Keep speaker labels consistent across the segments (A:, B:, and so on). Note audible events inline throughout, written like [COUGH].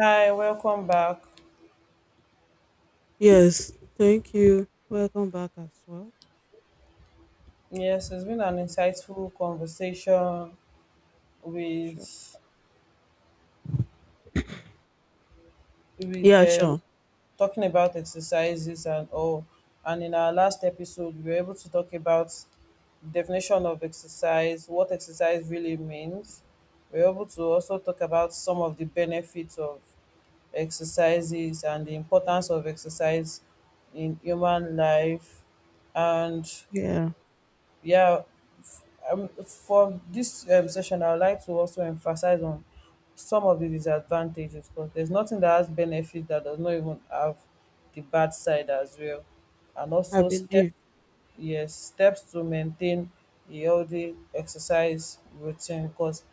A: Hi, welcome back.
B: Yes, thank you. Welcome back as well.
A: Yes, it's been an insightful conversation
B: Sure.
A: with
B: Yeah,
A: with
B: sure.
A: talking about exercises and all. And in our last episode, we were able to talk about definition of exercise, what exercise really means. We were able to also talk about some of the benefits of exercises and the importance of exercise in human life. And
B: Yeah,
A: yeah, for this session, I would like to also emphasize on some of the disadvantages because there's nothing that has benefit that does not even have the bad side as well. And
B: I
A: also step
B: believe.
A: Yes, steps to maintain a healthy exercise routine because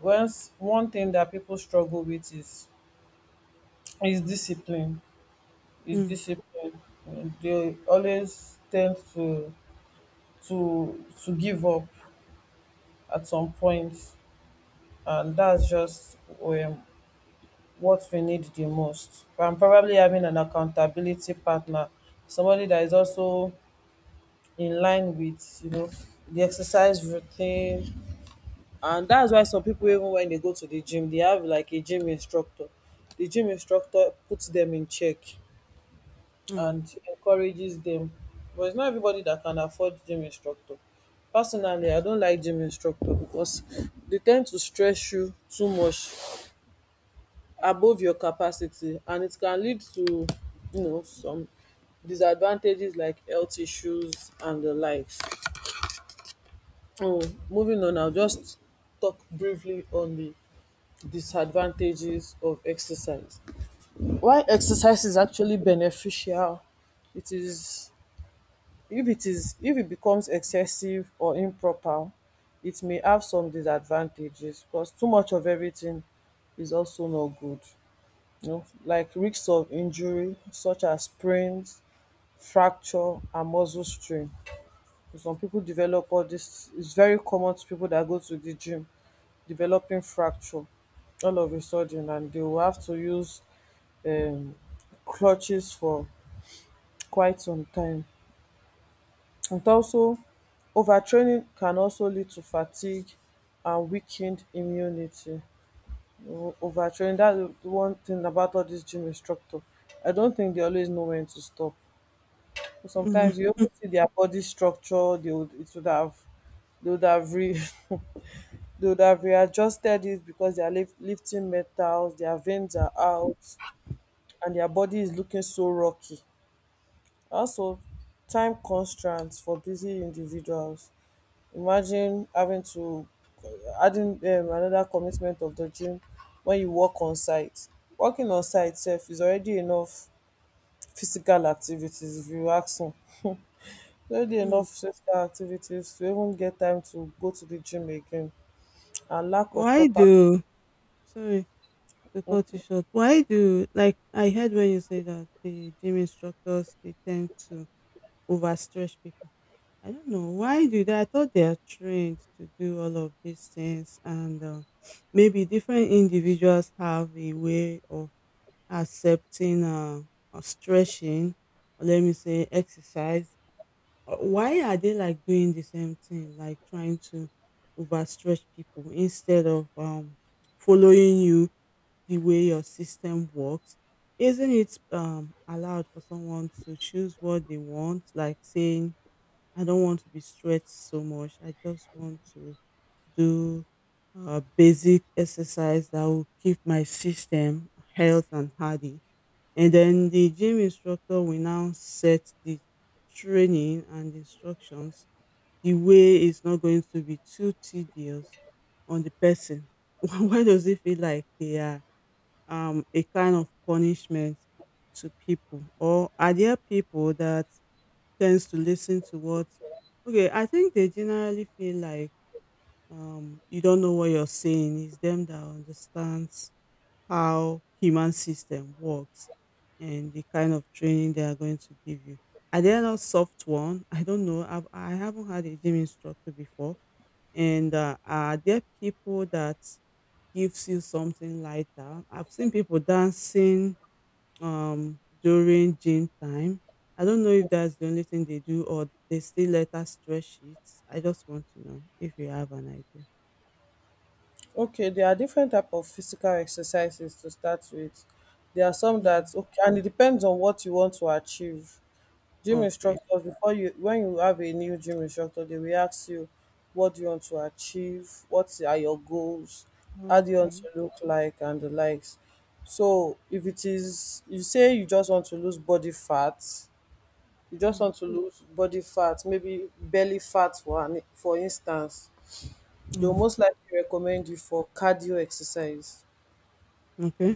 A: once one thing that people struggle with is discipline. Is
B: Mm,
A: discipline. They always tend to to give up at some point, and that's just um, what we need the most. And probably having an accountability partner, somebody that is also in line with you know the exercise routine. And that's why some people, even when they go to the gym, they have like a gym instructor. The gym instructor puts them in check
B: mm,
A: and encourages them, but it's not everybody that can afford gym instructor. Personally, I don't like gym instructor because they tend to stress you too much above your capacity, and it can lead to you know some disadvantages like health issues and the likes. Oh, moving on, I'll just talk briefly on the disadvantages of exercise. Why exercise is actually beneficial, it is if it is if it becomes excessive or improper, it may have some disadvantages because too much of everything is also not good. You know, like risks of injury such as sprains, fracture, and muscle strain. Some people develop all this. It's very common to people that go to the gym developing fracture all of a sudden, and they will have to use um, crutches for quite some time. And also, overtraining can also lead to fatigue and weakened immunity. You Overtraining, that's the one thing about all these gym instructor. I don't think they always know when to stop. So
B: mm,
A: sometimes you even see their body structure, they would have re, [LAUGHS] they would have readjusted it because they are lifting metals, their veins are out, and their body is looking so rocky. Also, time constraints for busy individuals. Imagine having to adding another commitment of the gym when you work on site. Working on site self is already enough physical activities if you ask me. No dey
B: mm.
A: enough physical activities to even get time to go to the gym again, and lack of
B: Why
A: proper
B: do, sorry to cut you short, why do, like, I heard when you say that the gym instructors, they tend to overstretch people. I don't know. Why do that? I thought they are trained to do all of these things, and maybe different individuals have a way of accepting, or stretching, or let me say exercise. Why are they like doing the same thing, like trying to overstretch people instead of following you the way your system works? Isn't it allowed for someone to choose what they want, like saying, I don't want to be stretched so much, I just want to do basic exercise that will keep my system health and hardy? And then the gym instructor will now set the training and instructions the way it's not going to be too tedious on the person. [LAUGHS] Why does it feel like they are a kind of punishment to people? Or are there people that tends to listen to what? Okay, I think they generally feel like you don't know what you're saying. It's them that understands how human system works and the kind of training they are going to give you. Are they not soft one? I don't know. I haven't had a gym instructor before. And are there people that gives you something lighter? I've seen people dancing during gym time. I don't know if that's the only thing they do or they still let us stretch it. I just want to know if you have an idea.
A: okay. There are different type of physical exercises to start with. There are some that okay, and it depends on what you want to achieve. Gym
B: Okay.
A: instructors, before you, when you have a new gym instructor, they will ask you, what do you want to achieve? What are your goals? How do you want to
B: Okay.
A: look like and the likes? So if it is you say you just want to lose body fat, you just
B: హ్మ్.
A: want to lose body fat, maybe belly fat for instance, they'll
B: హ్మ్.
A: most likely recommend you for cardio exercise.
B: Okay.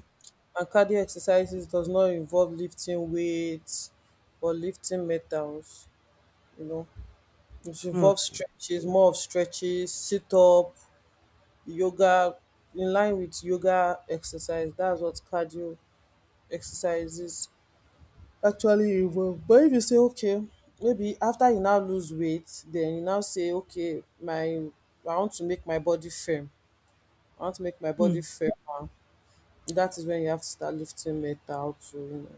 A: And cardio exercises does not involve lifting weights or lifting metals, you know. It involves
B: okay.
A: stretches, more of stretches, sit up, yoga, in line with yoga exercise. That's what cardio exercises actually involve. But if you say okay, maybe after you now lose weight, then you now say okay, my I want to make my body firm, I want to make my
B: హ్మ్.
A: body firmer. That is when you have to start lifting metal to, you know,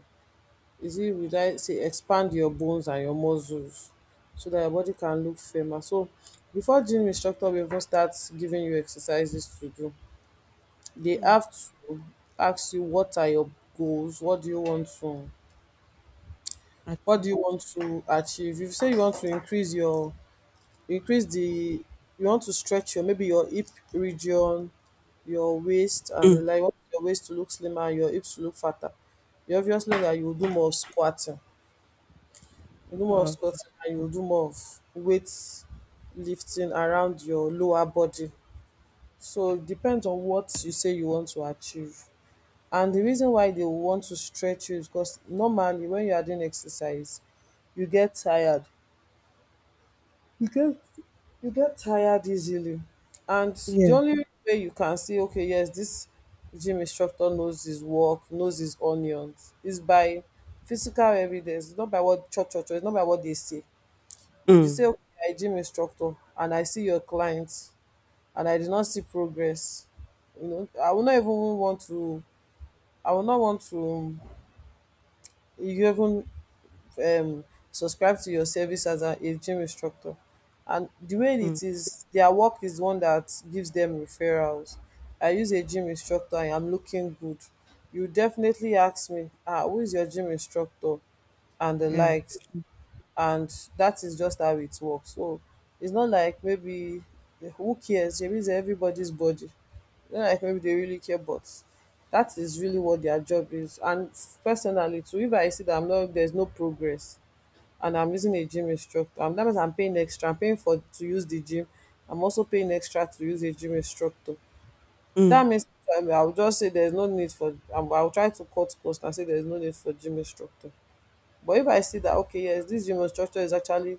A: is it, would I say, expand your bones and your muscles so that your body can look firmer. So before gym instructor will even start giving you exercises to do, they
B: హ్మ్.
A: have to ask you, what are your goals? What
B: అచ్చా!
A: do you want to achieve? If you say you want to increase your increase the you want to stretch your maybe your hip region, your waist and the
B: హ్మ్.
A: like, you want your waist to look slimmer and your hips to look fatter, you obviously that you will do more of squatting.
B: Okay.
A: You will do more of weight lifting around your lower body. So it depends on what you say you want to achieve. And the reason why they will want to stretch you is because normally when you are doing exercise you get tired. You get you get tired easily. And the
B: yeah!
A: only way you can see, okay, yes, this gym instructor knows his work, knows his onions, is by physical evidence. It's not by what cho cho cho, it's not by what they say. If you
B: హ్మ్.
A: say, okay, I gym instructor and I see your clients and I did not see progress, you know, I will not want to even um subscribe to your service as a gym instructor. And the way
B: హ్మ్.
A: it is, their work is one that gives them referrals. I use a gym instructor, I'm looking good. You definitely ask me, ah, who is your gym instructor and the
B: yeah!
A: likes.
B: Hmm.
A: And that is just how it works. So it's not like maybe who cares, maybe it's everybody's body. It's not like maybe they really care, but that is really what their job is. And personally too, if I see that I'm not there's no progress and I'm using a gym instructor. That means I'm paying extra. I'm paying for to use the gym. I'm also paying extra to use a gym instructor.
B: హ్మ్.
A: That means I'll just say there's no need for. I'll try to cut cost and say there's no need for gym instructor. But if I see that okay, yes, this gym instructor is actually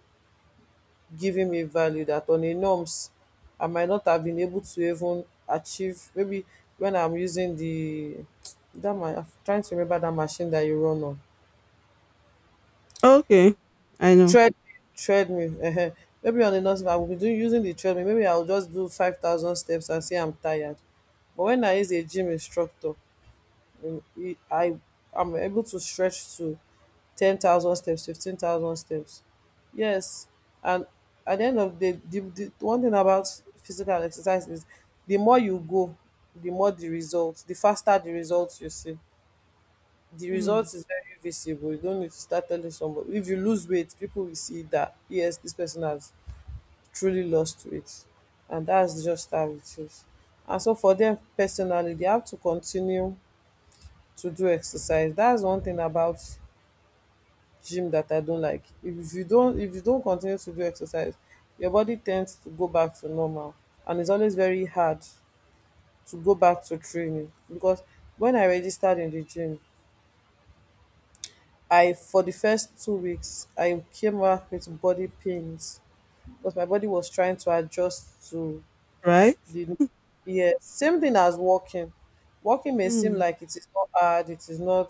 A: giving me value that on a norms, I might not have been able to even achieve. Maybe when I'm using I'm trying to remember that machine that you run on.
B: Okay. I know.
A: Tread Treadmill, maybe on the non I will be doing using the treadmill, maybe I will just do 5,000 steps and say I'm tired. But when I is a gym instructor, e I I'm able to stretch to 10,000 steps, 15,000 steps. Yes, and at the end of the one thing about physical exercise is the more you go, the more the results. The faster the results you see, the
B: హ్మ్.
A: result is very visible. You don't need to start telling somebody. If you lose weight, people will see that yes, this person has truly lost weight, and that's just how it is. And so for them personally, they have to continue to do exercise. That's one thing about gym that I don't like. If you don't continue to do exercise, your body tends to go back to normal, and it's always very hard to go back to training because when I registered in the gym, I for the first 2 weeks, I came back with body pains because my body was trying to adjust to
B: Right?
A: the yeah, same thing as walking. Walking may seem
B: హ్మ్.
A: like it is not hard. It is not.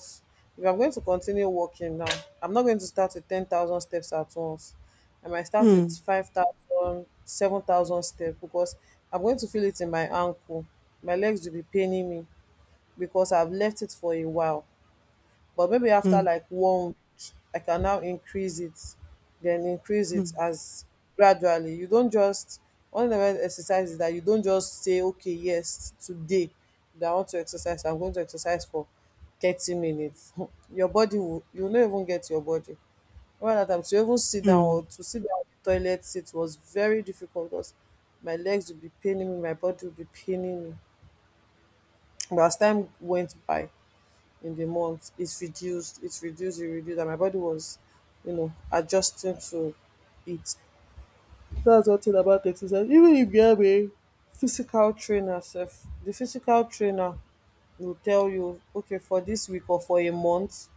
A: If I'm going to continue walking now, I'm not going to start with 10,000 steps at once. I might start
B: హ్మ్.
A: with 5,000, 7,000 steps because I'm going to feel it in my ankle. My legs will be paining me because I've left it for a while. But maybe after
B: హ్మ్.
A: like one week, I can now increase it, then increase it
B: హ్మ్.
A: as gradually. You don't just One of the exercise is that you don't just say okay, yes, today that I want to exercise, I'm going to exercise for 30 minutes. [LAUGHS] Your body will, you no even get your body over that time to even sit down,
B: హ్మ్.
A: or to sit down on the toilet seat was very difficult because my legs will be paining me, my body will be paining me. But as time went by, in the month, it's reduced, It's reduced, it reduced, and my body was, you know, adjusting to it. That's one thing about exercise. Even if you have a physical trainer sef, the physical trainer will tell you, okay, for this week or for a month,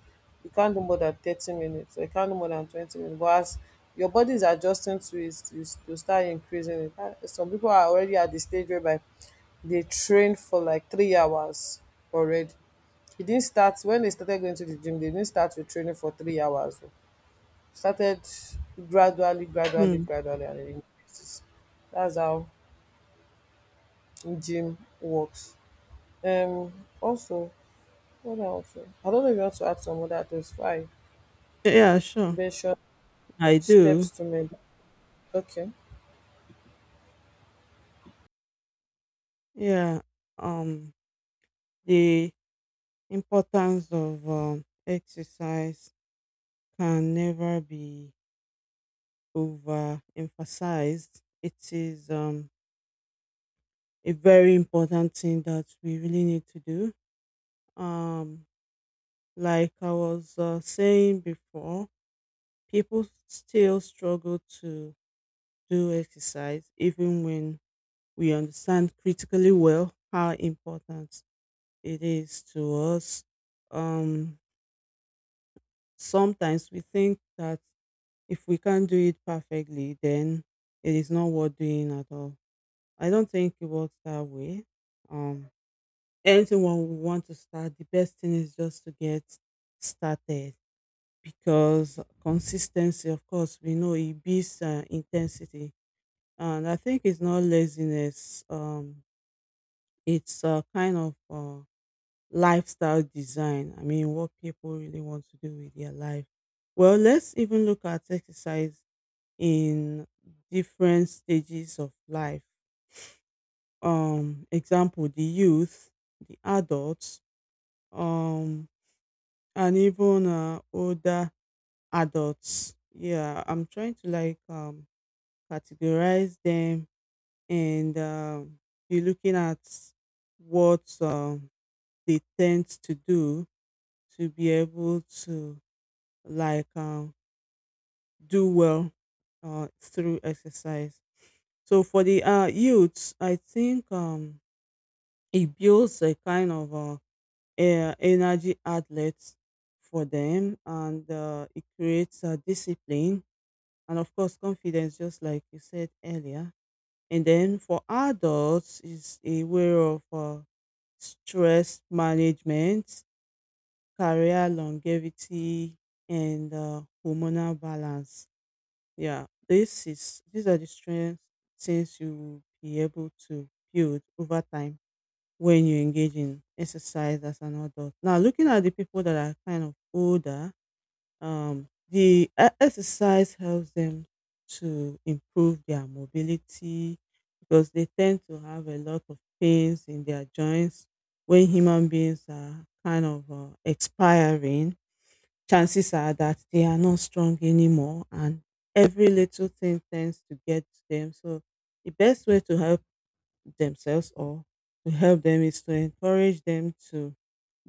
A: you can't do more than 30 minutes, or you can't do more than 20 minutes. But as your body is adjusting to it, you start increasing it. Ah, some people are already at the stage whereby they train for like 3 hours already. He didn't start, when they started going to the gym, they didn't start with training for 3 hours. Oh. Started gradually, gradually,
B: హ్మ్.
A: gradually, and it increases. That's how gym works. Um, Also, what else? I don't know if you want to add some other things. Fine.
B: Yeah, sure.
A: Mention
B: I
A: steps
B: do.
A: to me. Okay.
B: Yeah. Um, the importance of, um, exercise can never be overemphasized. It is, a very important thing that we really need to do. Um, like I was saying before, people still struggle to do exercise even when we understand critically well how important it is to us. Um, Sometimes we think that if we can't do it perfectly, then it is not worth doing at all. I don't think it works that way. Um, Anyone we want to start, the best thing is just to get started because consistency, of course, we know it beats intensity. And I think it's not laziness, it's a kind of lifestyle design. I mean, what people really want to do with their life. Well, let's even look at exercise in different stages of life. Example, the youth, the adults, um and even older adults. Yeah, I'm trying to like categorize them and be looking at what they tend to do to be able to like do well through exercise. So for the youths, I think it builds a kind of energy outlet for them and it creates a discipline and of course confidence just like you said earlier. And then for adults is a way of stress management, career longevity, and hormonal balance. Yeah, this is these are the strengths, things you will be able to build over time when you engage in exercise as an adult. Now, looking at the people that are kind of older, the exercise helps them to improve their mobility because they tend to have a lot of pains in their joints when human beings are kind of expiring. Chances are that they are not strong anymore, and every little thing tends to get to them. So, the best way to help themselves or to help them is to encourage them to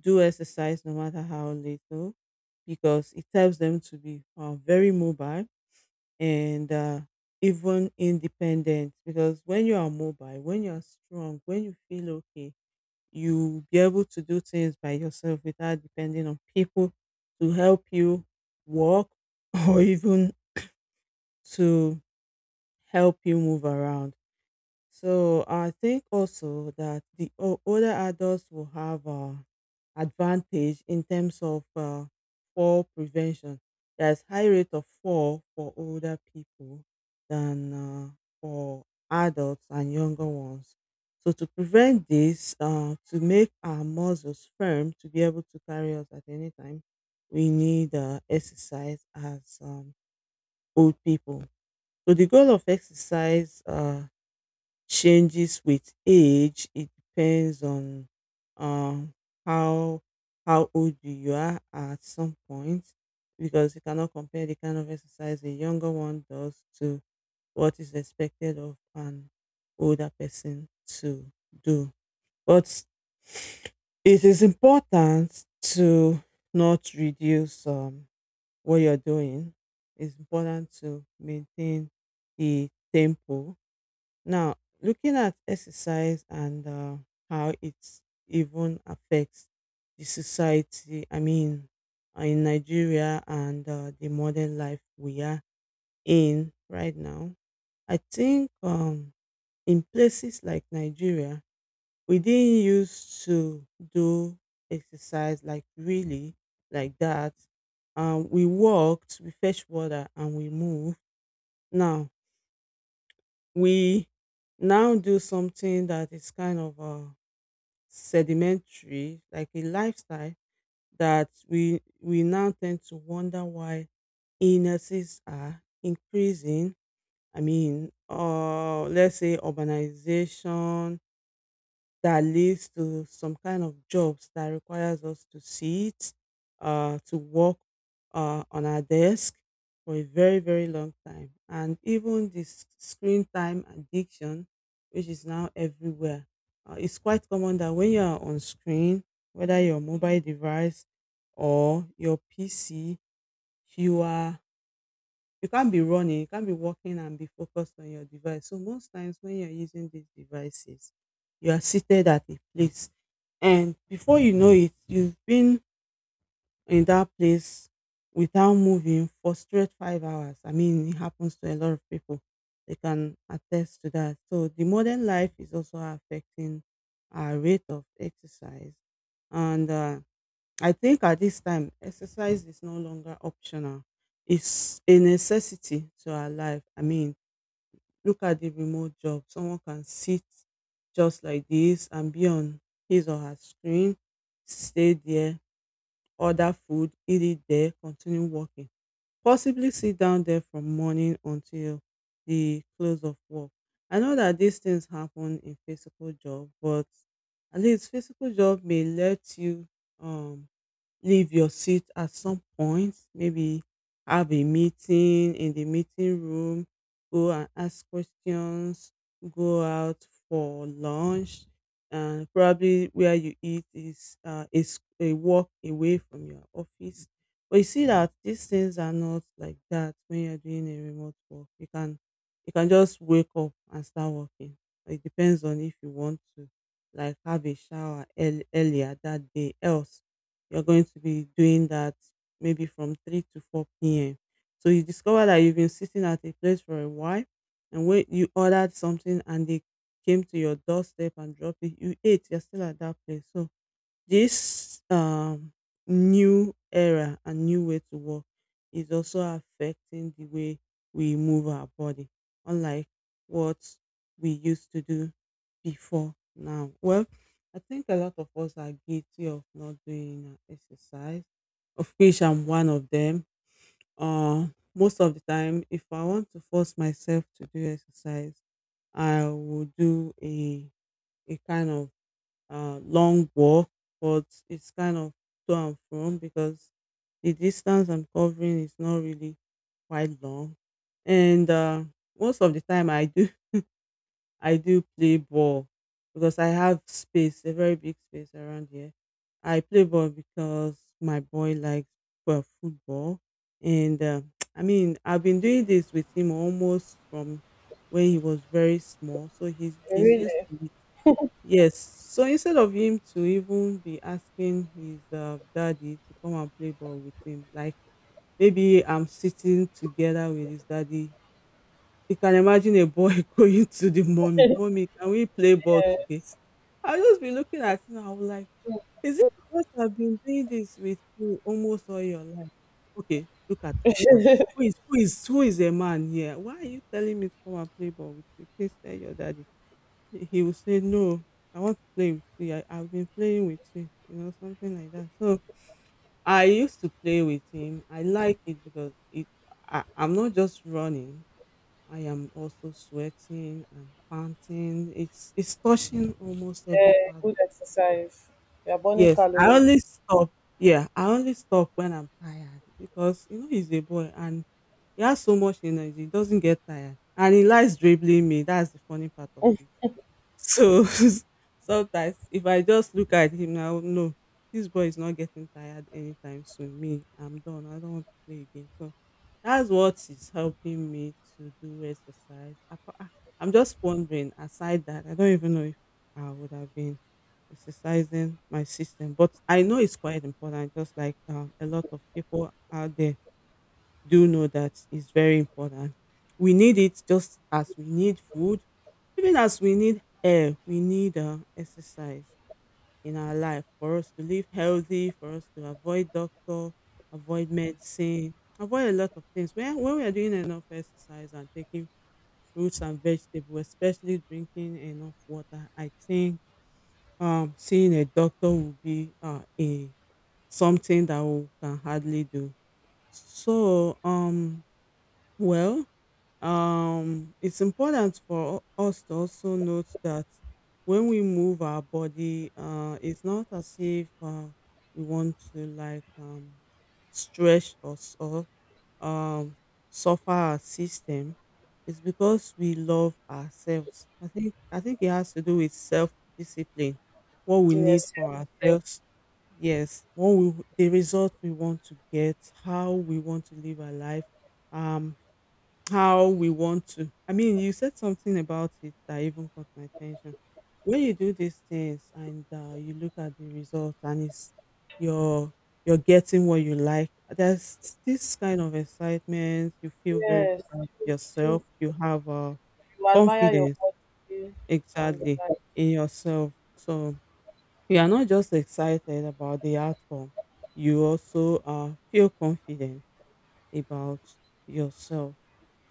B: do exercise no matter how little, because it helps them to be very mobile and even independent. Because when you are mobile, when you are strong, when you feel okay, you'll be able to do things by yourself without depending on people to help you walk [LAUGHS] or even to help you move around. So I think also that the older adults will have advantage in terms of fall prevention. There's high rate of fall for older people than for adults and younger ones. So to prevent this, to make our muscles firm to be able to carry us at any time, we need exercise as old people. So the goal of exercise changes with age. It depends on um, how old you are at some point, because you cannot compare the kind of exercise a younger one does to what is expected of an older person to do. But it is important to not reduce what you're doing. It's important to maintain the tempo now, looking at exercise and how it even affects the society. I mean, in Nigeria and the modern life we are in right now, I think in places like Nigeria, we didn't used to do exercise like really like that. We walked, we fetched water, and we moved. Now, we now do something that is kind of sedimentary, like a lifestyle that we now tend to wonder why illnesses are increasing. I mean, let's say urbanization, that leads to some kind of jobs that requires us to sit, to work on our desk for a very, very long time. And even this screen time addiction, which is now everywhere, it's quite common that when you are on screen, whether your mobile device or your PC, you are you can't be running, you can't be walking and be focused on your device. So most times when you're using these devices, you are seated at a place. And before you know it, you've been in that place without moving for straight 5 hours. I mean, it happens to a lot of people. They can attest to that. So the modern life is also affecting our rate of exercise. And I think at this time, exercise is no longer optional. It's a necessity to our life. I mean, look at the remote job. Someone can sit just like this and be on his or her screen, stay there, order food, eat it there, continue working. Possibly sit down there from morning until the close of work. I know that these things happen in physical job, but at least physical job may let you um leave your seat at some point, maybe have a meeting in the meeting room, go and ask questions, go out for lunch, and probably where you eat is a walk away from your office. But you see that these things are not like that when you're doing a remote work. You can just wake up and start working. It depends on if you want to like have a shower earlier that day. Else you're going to be doing that maybe from 3 to 4 p.m. So you discover that you've been sitting at a place for a while, and when you ordered something and they came to your doorstep and dropped it, you ate, you're still at that place. So this new era and new way to work is also affecting the way we move our body, unlike what we used to do before now. Well, I think a lot of us are guilty of not doing exercise, of which I'm one of them. Uh, Most of the time, if I want to force myself to do exercise, I will do a kind of long walk, but it's kind of to and from because the distance I'm covering is not really quite long. And most of the time, I do [LAUGHS] I do play ball because I have space, a very big space around here. I play ball because my boy likes well, football, and [TSK] I mean I've been doing this with him almost from when he was very small, so he's used
A: Really?
B: to it. Yes. So instead of him to even be asking his daddy to come and play ball with him, like maybe I'm sitting together with his daddy. You can imagine a boy [LAUGHS] going to the mommy, mommy, can we play ball
A: Yeah,
B: today? I'll just be looking at him. I was like, is it because I've been doing this with you almost all your life? Okay, look at us now. Who is a man here? Why are you telling me to come and play ball with you? Please tell your daddy he will say no. I want to play with you. I've been playing with you you know something like that. So I used to play with him. I like it because it I'm not just running, I am also sweating, I'm panting, it's touching almost every
A: yeah,
B: part of
A: good exercise. You are burning
B: yes. I
A: calories.
B: only stop, yeah, I only stop when I'm tired, because you know he's a boy and he has so much energy, he doesn't get tired, and he likes dribbling me. That's the funny part of it. So [LAUGHS] sometimes if I just look at him now, no, this boy is not getting tired anytime soon. Me, I'm done. I don't want to play again. So that's what is helping me to do exercise. I'm just wondering, aside that, I don't even know if I would have been exercising my system, but I know it's quite important. Just like a lot of people out there do know that is very important. We need it just as we need food, even as we need air, we need exercise in our life, for us to live healthy, for us to avoid doctor, avoid medicine, avoid a lot of things. When we are doing enough exercise and taking fruits and vegetables, especially drinking enough water, I think seeing a doctor will be a something that we can hardly do. So, um, well, it's important for us to also note that when we move our body, it's not as if we want to like stretch us or um, suffer our system. It's because we love ourselves. I think it has to do with self discipline, what we need
A: Yes.
B: for
A: Yes.
B: ourselves. Yes, what we the result we want to get, how we want to live our life, um, how we want to. I mean, you said something about it that even caught my attention. When you do these things and you look at the result and it's you're you're getting what you like, there's this kind of excitement. You feel very
A: Yes.
B: proud of
A: You, you,
B: yourself. You have
A: you admire your
B: confidence
A: body and
B: exactly in yourself. So you are not just excited about the outcome. You also feel confident about yourself.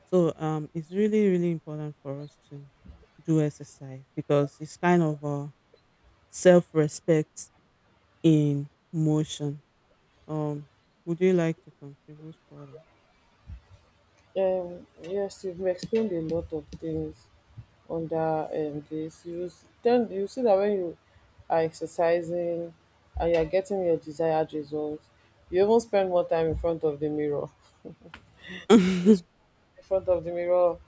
B: So it's really, really important for us to do exercise, because it's kind of a self-respect in motion. Um, would you like to contribute
A: Yes, you've explained a lot of things under this. You s- then you see that when you are exercising and you are getting your desired results, you even spend more time in front of the mirror. [LAUGHS] You
B: further?
A: spend in front of the mirror,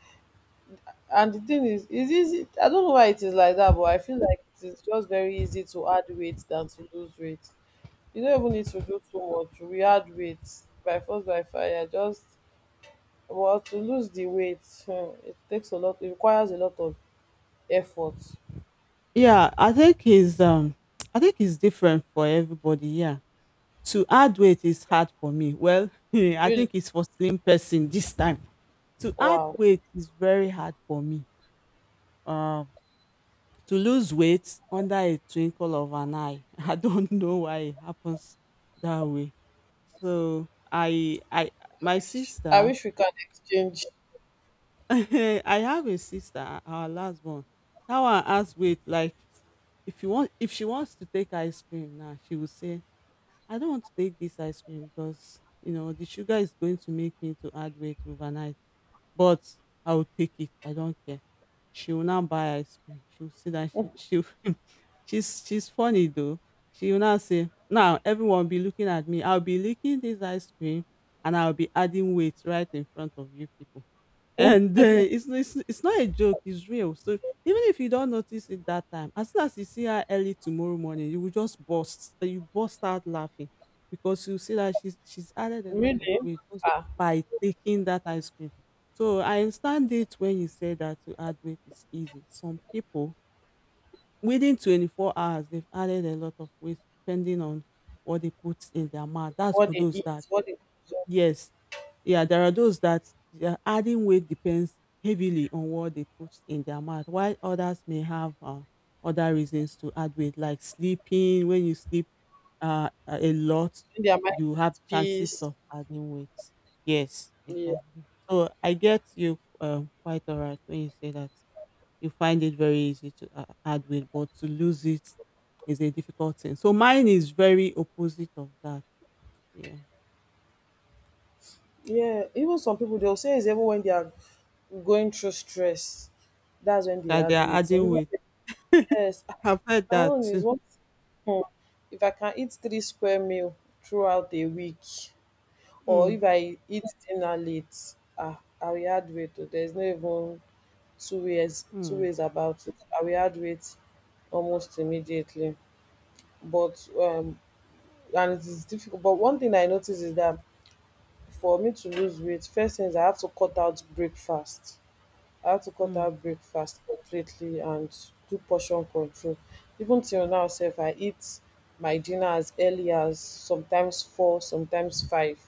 A: and the thing is easy. I don't know why it is like that, but I feel like it is just very easy to add weight than to lose weight. You don't even need to do too much. We add weight by force by fire. Just well, to lose the weight, hmm, it takes a lot. It requires a lot of effort.
B: [LAUGHS] Yeah, I think it's different for everybody, yeah. To add weight is hard for me. Well, [LAUGHS] I
A: Really,
B: think it's for slim person this time. To add
A: wow.
B: weight is very hard for me. Um. To lose weight under a twinkle of an eye. [LAUGHS] I don't know why it happens that way. So I my
A: I
B: sister
A: wish we can exchange.
B: [LAUGHS] I have a sister, our last one. That one has weight like if you want if she wants to take ice cream now, she will say, I don't want to take this ice cream because you know the sugar is going to make me to add weight overnight. But I will take it. I don't care. She will now buy ice cream. She will see that she [LAUGHS] she's funny though. She will now say, now everyone be looking at me. I'll be licking this ice cream and I'll be adding weight right in front of you people. And it's not a joke, it's real. So even if you don't notice it that time, as soon as you see her early tomorrow morning you will just burst you burst out laughing, because you see that she's added a lot of
A: Really,
B: weight just
A: ah,
B: by taking that ice cream. So I understand it when you say that to add weight is easy. Some people within 24 hours they've added a lot of weight, depending on what they put in their mouth. That's
A: what
B: for
A: they
B: those
A: eat,
B: that
A: what they consume,
B: yes. Yeah, there are those that their adding weight depends heavily on what they put in their mouth, while others may have other reasons to add weight, like sleeping. When you sleep a lot,
A: when their mind
B: you
A: is
B: have
A: at
B: chances
A: peace.
B: of adding weight. Yes,
A: Yeah,
B: exactly. So I get you quite all right when you say that you find it very easy to add weight, but to lose it is a difficult thing. So mine is very opposite of that. Yeah,
A: yeah. Even some people they'll say it's even when they are going through stress, that's when they
B: that they
A: add
B: are
A: weight. Some
B: adding
A: people
B: weight.
A: say yes. Ah,
B: I've heard
A: my
B: that
A: own is
B: too.
A: what. Hmm, if I can eat three square meal throughout a week, or if
B: Mm,
A: I eat dinner late, ah, I will add weight. Oh. There's no even two ways two
B: mm,
A: ways about it. I will add weight almost immediately. But and it is difficult. But one thing I notice is that for me to lose weight, first things I have to cut out breakfast. I have to cut
B: mm.
A: out breakfast completely and do portion control. Even till now, self, I eat my dinner as early as sometimes four, sometimes five.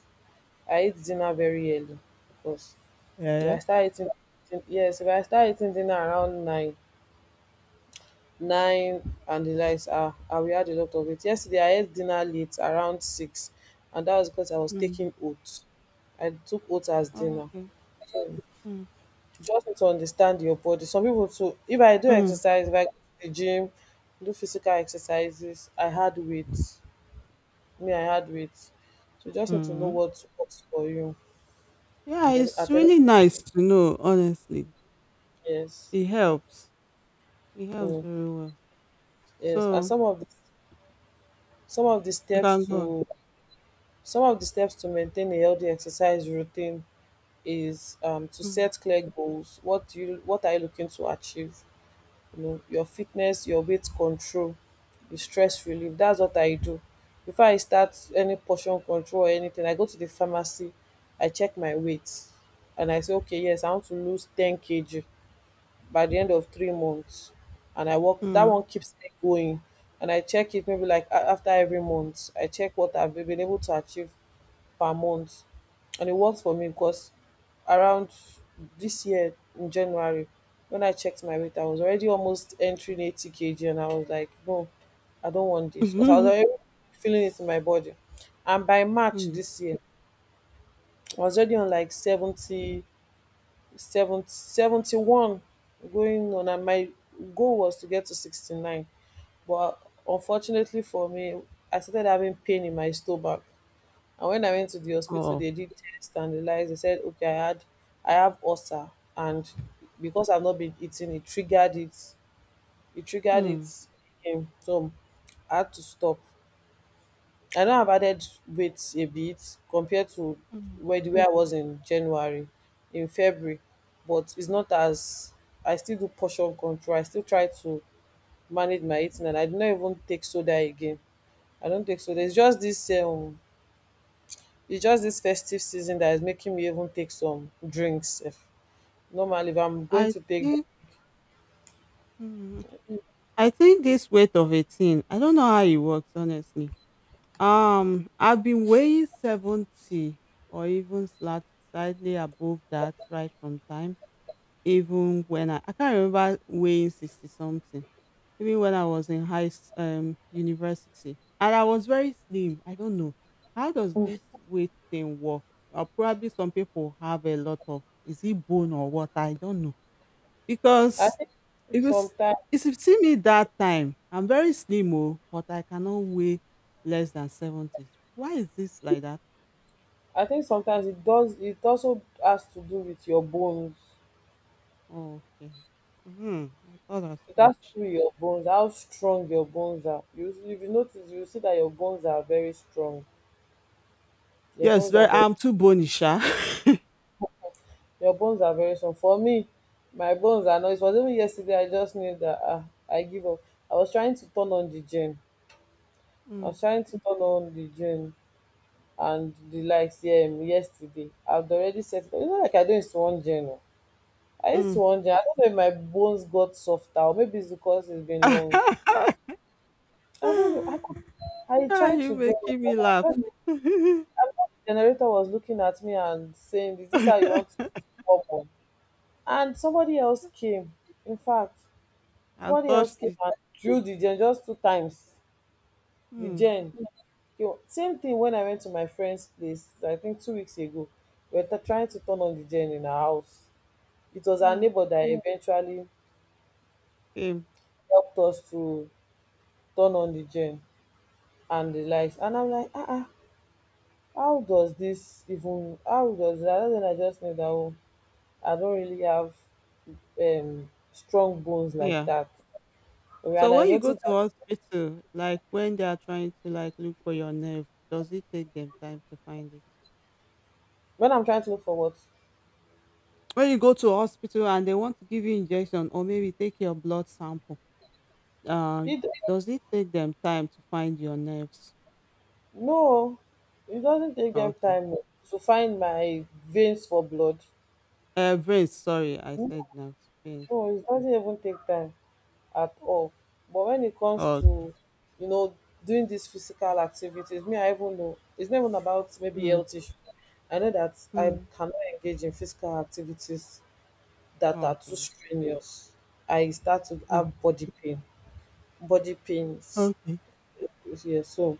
A: I eat dinner very early, because. If I
B: Yeah.
A: start eating, yes, if I start eating dinner around nine, nine and the likes, ah, I will add a lot of it. Yesterday I ate dinner late around six, and that was because I was
B: Mm.
A: taking oats. I took oats as
B: Oh,
A: dinner.
B: okay. Mm,
A: You just need to understand your body. Some people too. If I do
B: mm,
A: exercise, if I go to the gym, do physical exercises, I had weight. Me, I had weight. So you just need to know
B: mm.
A: what works for you.
B: Yeah,
A: And every,
B: it's
A: at every
B: really nice to know, honestly.
A: yes,
B: It helps. It helps
A: mm,
B: very well.
A: yes. And
B: So
A: some of the
B: you can
A: steps
B: go on.
A: to some of the steps to maintain a healthy exercise routine is to
B: Mm,
A: set clear goals. What do you what are you looking to achieve? You know, your fitness, your weight control, the stress relief. That's what I do. Before I start any portion control or anything, I go to the pharmacy, I check my weight, and I say, okay, yes, I want to lose 10 kg by the end of 3 months. And I work that
B: mm.
A: one keeps me going. And I check it maybe like a- after every month. I check what I've been able to achieve per month, and it worked for me because around this year in January when I checked my weight I was already almost entering 80 kg and I was like no, I don't want this because I was already
B: [LAUGHS]
A: feeling it in my body, and by March
B: Mm.
A: this year I was already on like 70, 70, 71, going on, and my goal was to get to 69. But unfortunately for me I started having pain in my stomach, and when I went to the hospital,
B: Oh.
A: they did test and realized, they said, okay, I had, I have ulcer, and because I've not been eating, it triggered it. It triggered it
B: Mm,
A: again. So I had to stop. I know I've added weight a bit compared to
B: mm.
A: where the way I was in January, in February, but it's not as I still do portion control. I still try to manage my eating, and I do not even take soda again. I don't take soda. It's just this it's just this festive season that is making me even take some drinks. If normally, if I'm going
B: I
A: to take,
B: think mm, I think this weight of 18. I don't know how it works, honestly. I've been weighing 70 or even slightly above that right from time. Even when I can't remember weighing 60 something, even when I was in university and I was very slim. I don't know how does this weight thing work. Or probably some people have a lot of is it bone or what? I don't know
A: I
B: because
A: think
B: because
A: sometimes,
B: if you see me that time, I'm very slim oh, but I cannot weigh less than 70. Why is this like that?
A: I think sometimes it does. It also has to do with your bones.
B: Oh, okay. Hmm, I thought as
A: It has to
B: much.
A: do with your bones, how strong your bones are. You, if you notice, you see that your bones are very strong. Your
B: Yes,
A: bones are
B: very,
A: very,
B: I'm too bony, sha.
A: your bones are very strong. For me, my bones are not. It was even yesterday. I just knew that ah, I give up. I was trying to turn on the gym.
B: [LAUGHS]
A: I
B: Mm.
A: was trying to turn on the gym and the likes yeah, yesterday. I have already set it up. It's not like I do it to one journal. I used to
B: Mm.
A: one journal. I don't know if my bones got softer or maybe it's because it's been long.
B: [LAUGHS]
A: I don't know. I could, I
B: Ah,
A: tried
B: you
A: to draw it,
B: making
A: but
B: me
A: I thought
B: laugh.
A: like-
B: [LAUGHS] I
A: I felt the generator was looking at me and saying, is this how you want to work on? And somebody else came. In fact, somebody else
B: touched
A: came
B: it.
A: and drew the gen just two times. The
B: Hmm.
A: gen. Yo, same thing when I went to my friend's place, I think 2 weeks ago. We were t- trying to turn on the gen in our house. It was our
B: Hmm.
A: neighbor that mm, eventually
B: Same.
A: helped us to turn on the gen and the lights. And I'm like, ah, ah, how does this even, how does that? And then I just knew that oh, I don't really have strong bones like
B: Yeah.
A: that. And
B: So
A: I
B: when you go
A: noticed
B: to
A: that
B: hospital, like when they are trying to like look for your nerve, does it take them time to find it?
A: when I'm trying to look for what,
B: When you go to hospital and they want to give you injection or maybe take your blood sample, uh,
A: it,
B: does it take them time to find your nerves?
A: no, it doesn't take them
B: Okay.
A: time oh, to find my veins for blood.
B: Veins, sorry, I said nerves, veins.
A: No, it doesn't even take time at all. But when it comes to,
B: Okay.
A: you know, doing these physical activities, me, I even know it's not even about maybe
B: Mm,
A: health issue. I know that I
B: mm.
A: cannot engage in physical activities that are too
B: Okay.
A: strenuous. I start to
B: Mm.
A: have body pain, body pains.
B: Okay.
A: Yeah, so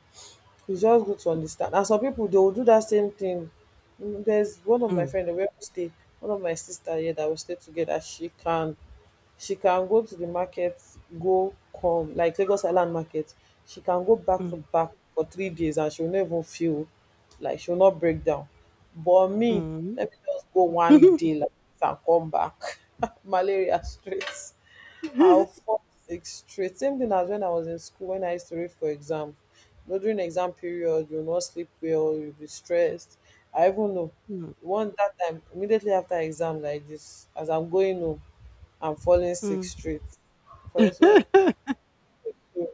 A: it's just good to understand. And some people they will do that same thing. Mm, there's one of my
B: Mm,
A: friend we will stay, one of my sister here that we stay together. She can go to the market go come like Lagos Island market. She can go back to
B: mm,
A: back for 3 days and she will never feel like she will not break down. But me,
B: mm.
A: let me just go one day like this and come back. [LAUGHS] Malaria straight. How
B: [LAUGHS]
A: 4-6 straight. Same thing as when I was in school when I used to read for exam. You know, during exam period, you will not sleep well, you'll be stressed. I even know
B: Mm,
A: one that time immediately after exam like this, as I'm going home, and falling sick
B: mm.
A: straight. For so
B: [LAUGHS]
A: you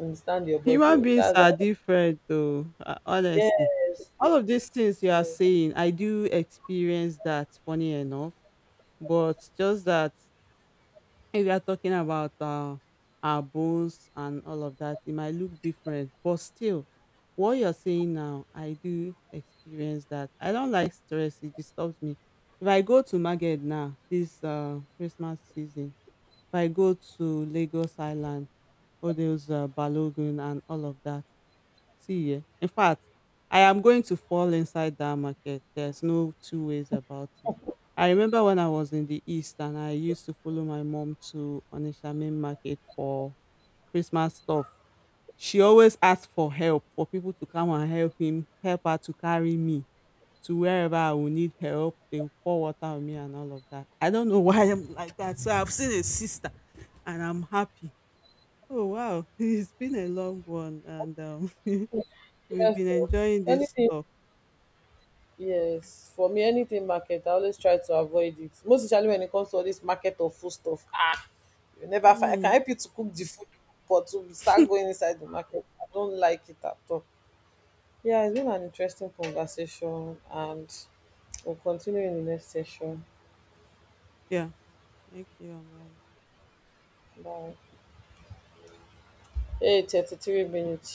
A: understand your body.
B: Human
A: Oh.
B: beings
A: That's like,
B: are different though, honestly,
A: yes, yes,
B: all of these things you are
A: yes.
B: saying I do experience, that funny enough. But just that if you are talking about our bones and all of that, it might look different, but still, what you're saying now, I do experience that. I don't like stress; it disturbs me. If I go to market now this Christmas season, if I go to Lagos Island, all those Balogun and all of that. See yeah. In fact, I am going to fall inside that market. There's no two ways about it. I remember when I was in the East and I used to follow my mom to Onitsha main market for Christmas stuff. She always asked for help for people to come and help him, help her to carry me to wherever I will need help. They will pour water on me and all of that. I don't know [LAUGHS] why I'm like that. So I've seen a sister and I'm happy. Oh wow, [LAUGHS] it's been a long one and we've
A: Yes,
B: been
A: oh.
B: enjoying this
A: Anything,
B: talk.
A: yes. For me, anything market, I always try to avoid it. Most especially when it comes to all this market of food stuff. Ah, you never find. I can
B: Mm,
A: help you to cook the food, but to start going inside the market, I don't like it at all. Yeah, it's been an interesting conversation, and we'll continue in the next session.
B: yeah. Thank you and bye.
A: Bye. Hey, 33 minutes.